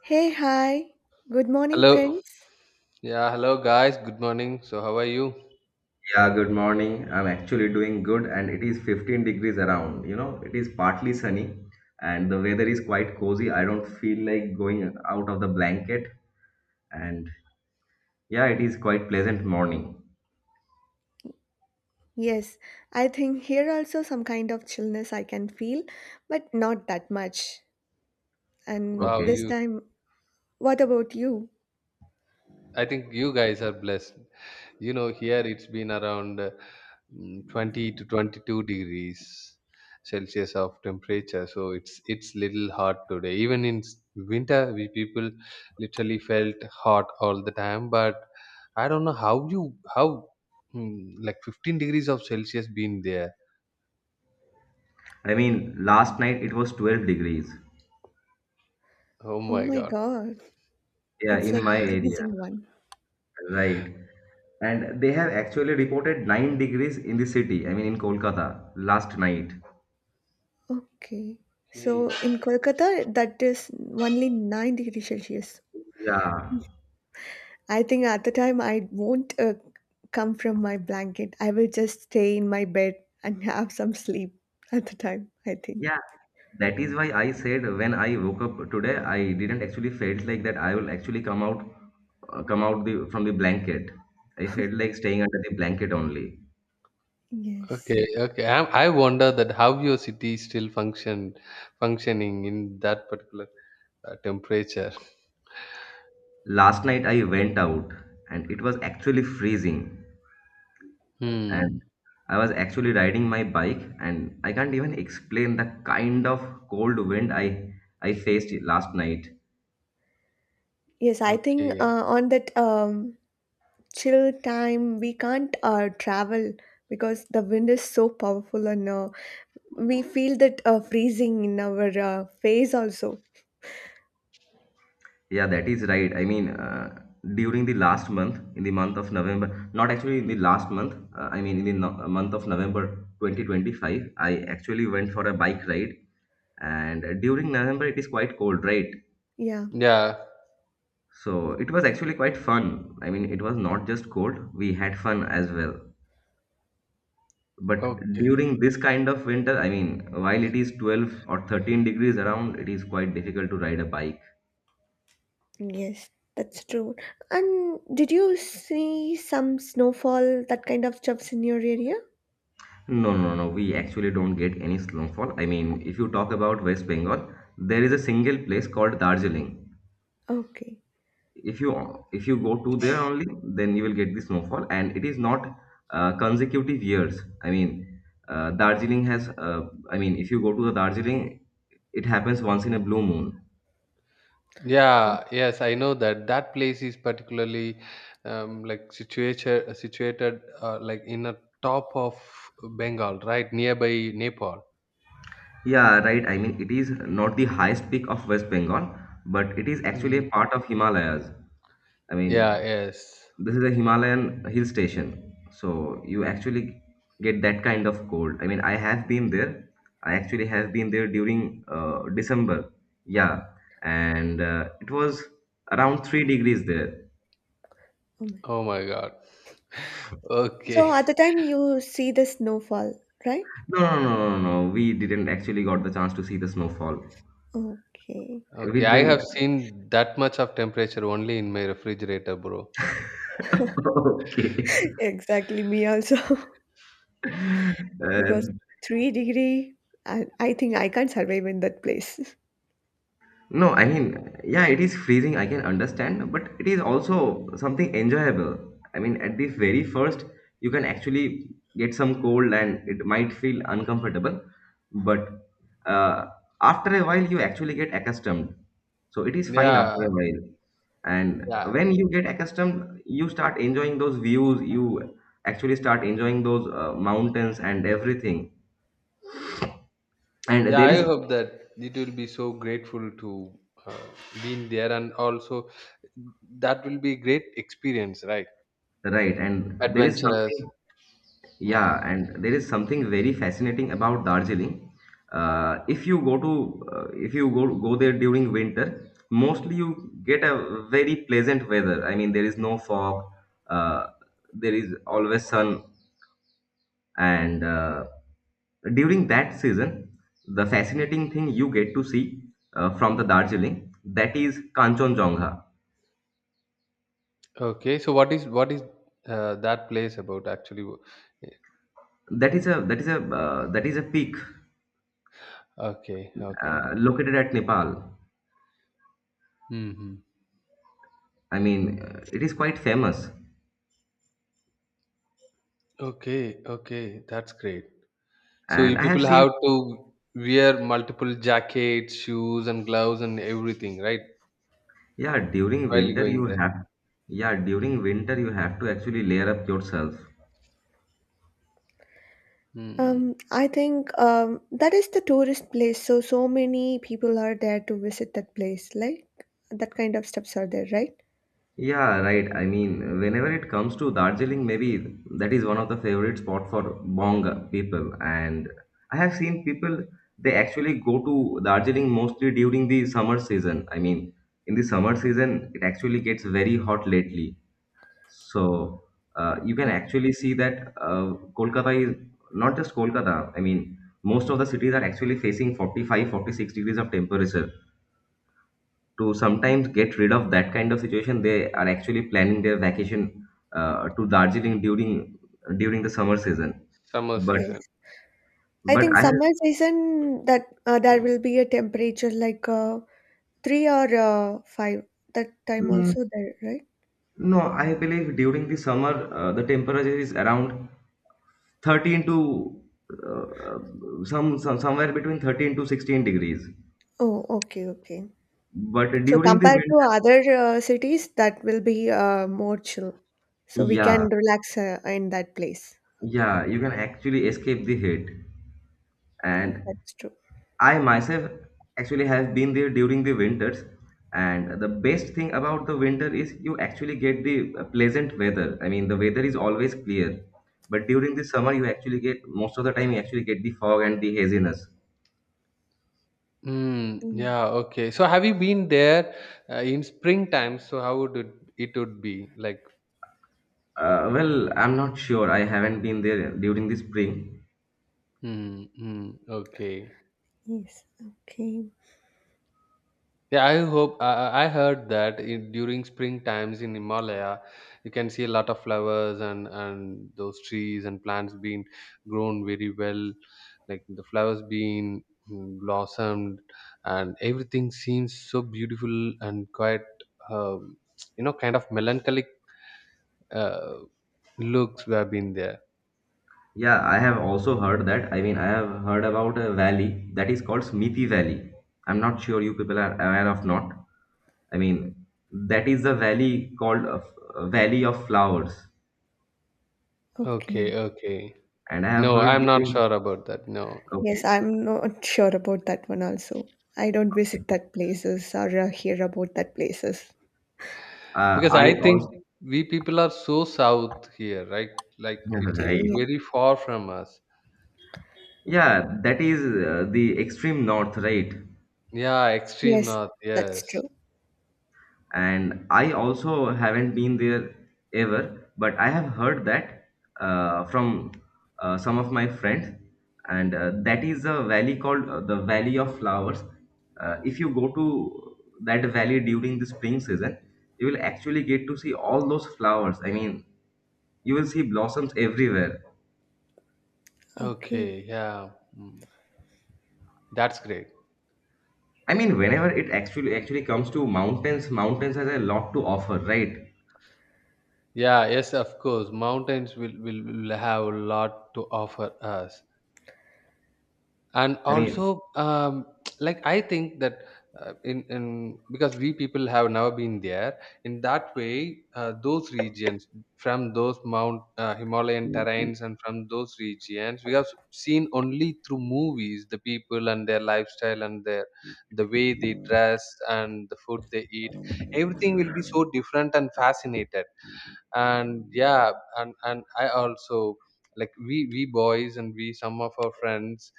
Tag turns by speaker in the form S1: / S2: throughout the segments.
S1: Hey, hi. Good morning,
S2: Hello.
S1: friends.
S2: Yeah, Hello guys. Good morning. So how are you?
S3: Yeah, good morning. I'm actually doing good, and it is 15 degrees around. You know, it is partly sunny, and the weather is quite cozy. I don't feel like going out of the blanket, and yeah, it is quite pleasant morning.
S1: Yes, I think here also some kind of chillness I can feel, but not that much. And
S2: Wow,
S3: Okay.
S1: this
S2: you
S1: time, what about you?
S2: I think you guys are blessed. You know, here it's been around 20 to 22 degrees Celsius of temperature. So it's little hot today. Even in winter, we people literally felt hot all the time, but I don't know how you how mm, like 15 degrees of Celsius been there.
S3: I mean, last night it was 12 degrees.
S2: Oh
S1: Oh
S2: my
S1: my
S2: God.
S1: God,
S3: Yeah,
S1: it's
S3: in
S1: like a
S3: my area,
S1: freezing one.
S3: right. And they have actually reported 9 degrees in the city, I mean, in Kolkata last night.
S1: Okay.
S2: Okay.
S1: So in Kolkata, that is only 9 degrees Celsius.
S3: Yeah.
S1: I think at the time I won't come from my blanket. I will just stay in my bed and have some sleep at the time, I
S3: Yeah,
S1: think.
S3: that is why I said when I woke up today, I didn't actually felt like that I will actually come out the, from the blanket. I felt like staying under the blanket only.
S1: Yes.
S2: Okay, okay. I wonder that how your city still functioning in that particular temperature.
S3: Last night I went out and it was actually freezing, and
S2: Hmm.
S3: I was actually riding my bike, and I can't even explain the kind of cold wind I faced last night.
S1: Yes, I think
S2: Okay.
S1: on that chill time, we can't travel because the wind is so powerful and we feel that freezing in our face also.
S3: Yeah, that is right. I mean, during the last month, in the month of November, not actually in the last month, I mean, in the month of November 2025, I actually went for a bike ride. And during November, it is quite cold, right?
S1: Yeah,
S2: Yeah.
S3: So it was actually quite fun. I mean, it was not just cold, we had fun as well. But
S2: Okay.
S3: during this kind of winter, I mean, while it is 12 or 13 degrees around, it is quite difficult to ride a bike.
S1: yes, that's true. And did you see some snowfall, that kind of stuffs in your area?
S3: No, no, no, we actually don't get any snowfall. I mean, if you talk about West Bengal, there is a single place called Darjeeling.
S1: Okay.
S3: If you go to there only, then you will get the snowfall, and it is not consecutive years. I mean, Darjeeling has. I mean, if you go to the Darjeeling, it happens once in a blue moon.
S1: Oh,
S2: Yeah. Yes, I know that that place is particularly like situated like in a top of Bengal, right nearby Nepal.
S3: Yeah, right. I mean, it is not the highest peak of West Bengal, but it is actually a
S2: Mm.
S3: part of Himalayas. I
S2: Yeah.
S3: mean,
S2: Yes.
S3: this is a Himalayan hill station. So you actually get that kind of cold. I mean, I have been there. I actually have been there during December. Yeah, and it was around 3 degrees there.
S1: oh my.
S2: Oh my God. Okay.
S1: So at the time you see the snowfall, right?
S3: No, no, no, no, no. No, we didn't actually got the chance to see the snowfall.
S1: Okay.
S3: We
S2: Okay. I have
S3: didn't.
S2: seen that much of temperature only in my refrigerator, bro.
S3: Okay.
S1: Exactly, me also. Because
S3: Uh,
S1: 3 degree, I think I can't survive in that place.
S3: No, I mean, yeah, it is freezing, I can understand, but it is also something enjoyable. I mean, at the very first, you can actually get some cold and it might feel uncomfortable, but uh, after a while, you actually get accustomed. So it is fine
S2: Yeah,
S3: after a while. And
S2: yeah,
S3: when you get accustomed, you start enjoying those views, you actually start enjoying those mountains and everything. And
S2: yeah.
S3: there
S2: I
S3: is,
S2: hope that it will be so grateful to uh, being there, and also that will be great experience, right?
S3: right, and there is
S2: Adventurous.
S3: something.
S2: Mm.
S3: Yeah, and there is something very fascinating about Darjeeling. If you go to, if you go there during winter, mostly you get a very pleasant weather. I mean, there is no fog. Uh, there is always sun, and during that season, the fascinating thing you get to see from the Darjeeling, that is Kanchenjunga.
S2: Okay, so what is that place about actually?
S3: That is a that is a that is a peak
S2: Okay, okay.
S3: located at Nepal.
S2: Hmm.
S3: I mean, it is quite famous.
S2: Okay, okay. That's great. So you
S3: And I have
S2: people
S3: seen,
S2: have to wear multiple jackets, shoes, and gloves and everything, right?
S3: yeah, during
S2: While
S3: winter you
S2: going there.
S3: have, yeah, during winter you have to actually layer up yourself.
S2: Hmm.
S1: I think that is the tourist place. So many people are there to visit that place. Like that kind of steps are there, right?
S3: Yeah, right. I mean, whenever it comes to Darjeeling, maybe that is one of the favorite spot for Bong people. And I have seen people, they actually go to Darjeeling mostly during the summer season. I mean, in the summer season, it actually gets very hot lately. So you can
S1: Mm.
S3: actually see that Kolkata is not just Kolkata. I mean, most of the cities are actually facing 45, 46 degrees of temperature. To sometimes get rid of that kind of situation, they are actually planning their vacation to Darjeeling during the summer season.
S2: Summer
S3: But
S1: Yes.
S2: season.
S1: I
S3: but
S1: think
S3: I have.
S1: summer season that there will be a temperature like three or five. That time
S3: Mm,
S1: also there, right?
S3: no, I believe during the summer the temperature is around 13 to uh, some somewhere between 13 to 16 degrees.
S1: Oh, okay, okay.
S3: But
S1: So
S3: during the
S1: compared to
S3: winter,
S1: other cities, that will be more chill. So we
S3: yeah,
S1: can relax in that place. Okay.
S3: yeah, you can actually escape the heat.
S1: Mm,
S3: And
S1: that's true.
S3: I myself actually have been there during the winters. And the best thing about the winter is you actually get the pleasant weather. I mean, the weather is always clear. But during the summer, you actually get most of the time, you actually get the fog and the haziness.
S2: Mm,
S1: Mm,
S2: yeah, okay. So have you been there in springtime? So how would it would be like?
S3: Well, I'm not sure. I haven't been there during the spring.
S2: Mm, mm, okay.
S1: yes. Okay.
S2: Yeah, I hope I heard that during spring times in Himalaya, you can see a lot of flowers and those trees and plants being grown very well, like the flowers being blossomed, and everything seems so beautiful and quite um, kind of melancholic uh, looks we have been there.
S3: Yeah, I have also heard that. I mean, I have heard about a valley that is called Smithy Valley. I'm not sure you people are aware of not. I mean, that is a valley called a Valley of Flowers,
S2: Okay,
S1: Okay.
S2: okay.
S3: and I have
S2: No,
S3: heard
S2: I'm not
S3: during,
S2: sure about that. No,
S3: okay,
S1: Yes, I'm not sure about that one also. I don't visit
S3: okay.
S1: that places or hear about that places.
S2: because
S3: I
S2: I think
S3: also.
S2: we people are so south here, right? Like it's
S3: Right.
S1: Yes,
S2: very far from us.
S3: Yeah, that is the extreme north, right?
S2: Yeah, extreme
S1: yes,
S2: north.
S1: that's
S2: Yes.
S1: true.
S3: And I also haven't been there ever, but I have heard that from some of my friends, and that is a valley called the Valley of Flowers. If you go to that valley during the spring season, you will actually get to see all those flowers. I mean, you will see blossoms everywhere.
S1: Okay.
S2: Okay. Yeah. Mm, that's great.
S3: I mean, whenever it actually comes to mountains, mountains has a lot to offer, right?
S2: Yeah. Yes. Of course, mountains will will have a lot to offer us. And
S3: I mean,
S2: also like I think that in because we people have never been there in that way those regions from those mount Himalayan terrains and from those regions we have seen only through movies the people and their lifestyle and their the way they dress and the food they eat everything will be so different and fascinated and yeah and I also like we boys and we some of our friends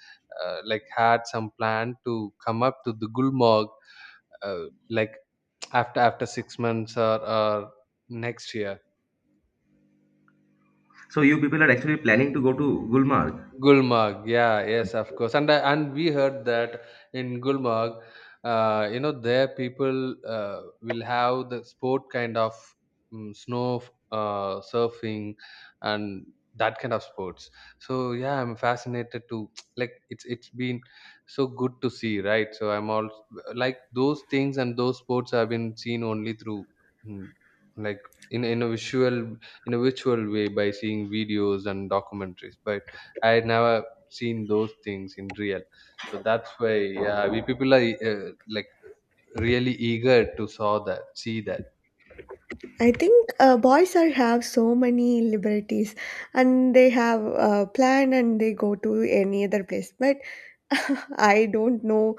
S2: like had some plan to come up to the Gulmarg uh, like after 6 months or next year.
S3: so you people are actually planning to go to Gulmarg.
S2: Gulmarg, yeah, yes, of course, and we heard that in Gulmarg, you know, there people will have the sport kind of snow surfing and that kind of sports. So yeah, I'm fascinated to like it's been so good to see, right? So I'm all like those things and those sports have been seen only through mm, like in in a visual in a visual way by seeing videos and documentaries, but I had never seen those things in real. So that's why yeah, we people are like really eager to see that.
S1: I think boys are have so many liberties and they have a plan and they go to any other place. But I don't know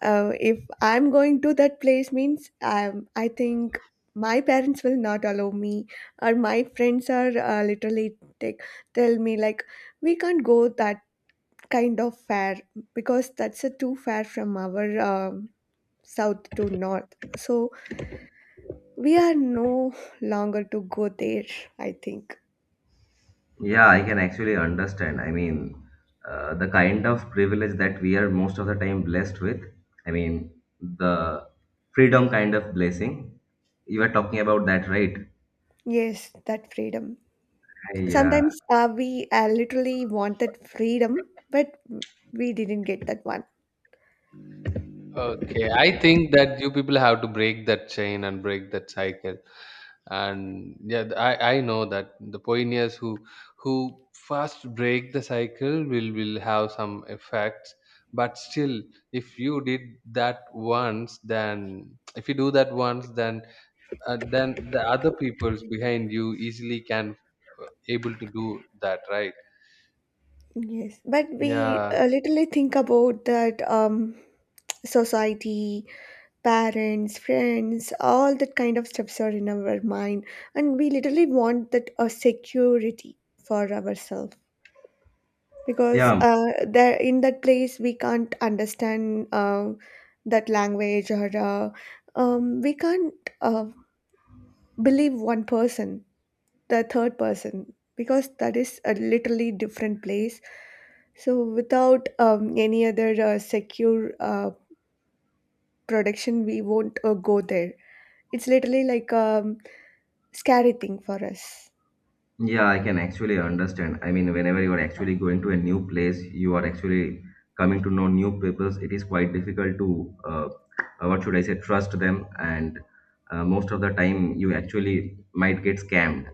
S1: if I'm going to that place means I think my parents will not allow me or my friends are tell me like we can't go that kind of fair because that's a too far from our south to north, so we are no longer to go there, I think.
S3: Yeah, I can actually understand. I mean, the kind of privilege that we are most of the time blessed with, I mean, the freedom kind of blessing. You were talking about that, right?
S1: Yes, that freedom,
S3: Yeah.
S1: sometimes we literally want that freedom, but we didn't get that one.
S2: Okay, I think that you people have to break that chain and break that cycle. And yeah, I know that the pioneers who first break the cycle will have some effects. But still, if you did that once, then if you do that once, then the other peoples behind you easily can able to do that, right?
S1: Yes, but we
S2: Yeah,
S1: literally think about that society, parents, friends, all that kind of stuffs are in our mind, and we literally want that security for ourselves because
S3: Yeah,
S1: there in that place we can't understand that language or we can't uh, believe one person, the third person, because that is a literally different place. So without any other secure protection, we won't go there. It's literally like scary thing for us.
S3: yeah, I can actually understand. I mean, whenever you are actually going to a new place, you are actually coming to know new peoples. It is quite difficult to, what should I say, trust them. And most of the time, you actually might get scammed.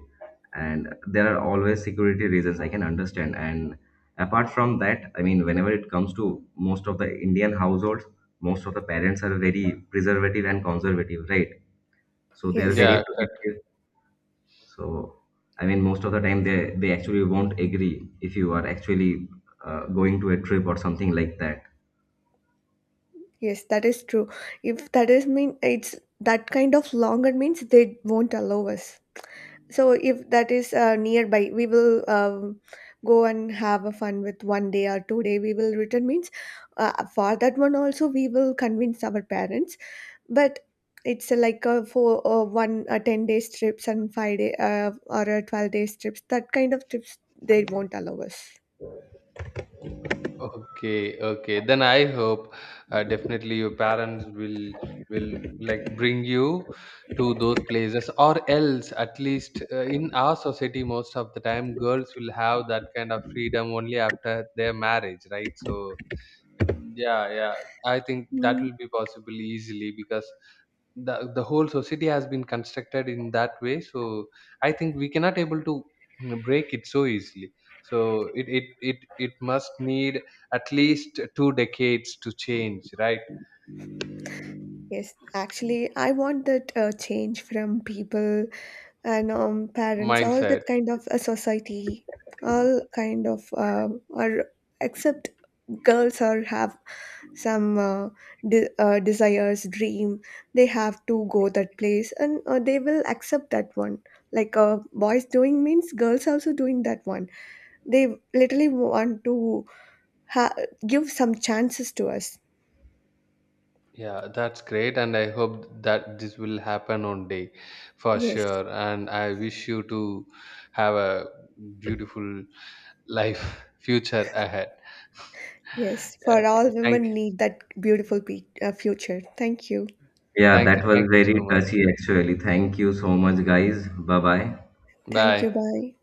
S3: And there are always security reasons. I can understand. And apart from that, I mean, whenever it comes to most of the Indian households, most of the parents are very preservative and conservative, right? So they're
S1: Yes,
S3: very
S2: yeah, cut.
S1: exactly.
S3: protective. So I mean most of the time they actually won't agree if you are actually going to a trip or something like that.
S1: Yes, that is true. If that is mean, it's that kind of longer means they won't allow us. So if that is nearby, we will go and have a fun with one day or 2 day we will return means for that one also we will convince our parents, but it's like a four one 10 days trips and five day or a 12 days trips, that kind of trips they won't allow us.
S2: Okay, okay, then I hope definitely your parents will will like bring you to those places, or else at least in our society most of the time girls will have that kind of freedom only after their marriage, right? So yeah, yeah, I think that
S1: Mm.
S2: will be possible easily, because the whole society has been constructed in that way. So I think we cannot able to break it so easily. So it must need at least two decades to change, right?
S1: Yes, actually, I want that change from people and parents, all
S2: Mindset.
S1: that kind of a society, all kind of or except girls or have some desires, dream, they have to go that place and they will accept that one. Like boys doing means girls also doing that one. They literally want to ha- give some chances to us.
S2: Yeah, that's great, and I hope that this will happen one day for
S1: Yes,
S2: sure, and I wish you to have a beautiful life future ahead.
S1: yes. For
S2: Okay,
S1: all
S2: thank
S1: women
S2: you.
S1: need that beautiful future. Thank you.
S3: Yeah,
S2: Thank
S3: that
S2: you,
S3: was
S2: thank you
S3: very
S2: so much.
S3: touchy actually. Thank you so much, guys. Bye bye.
S1: Thank
S2: Bye.
S1: you. Bye.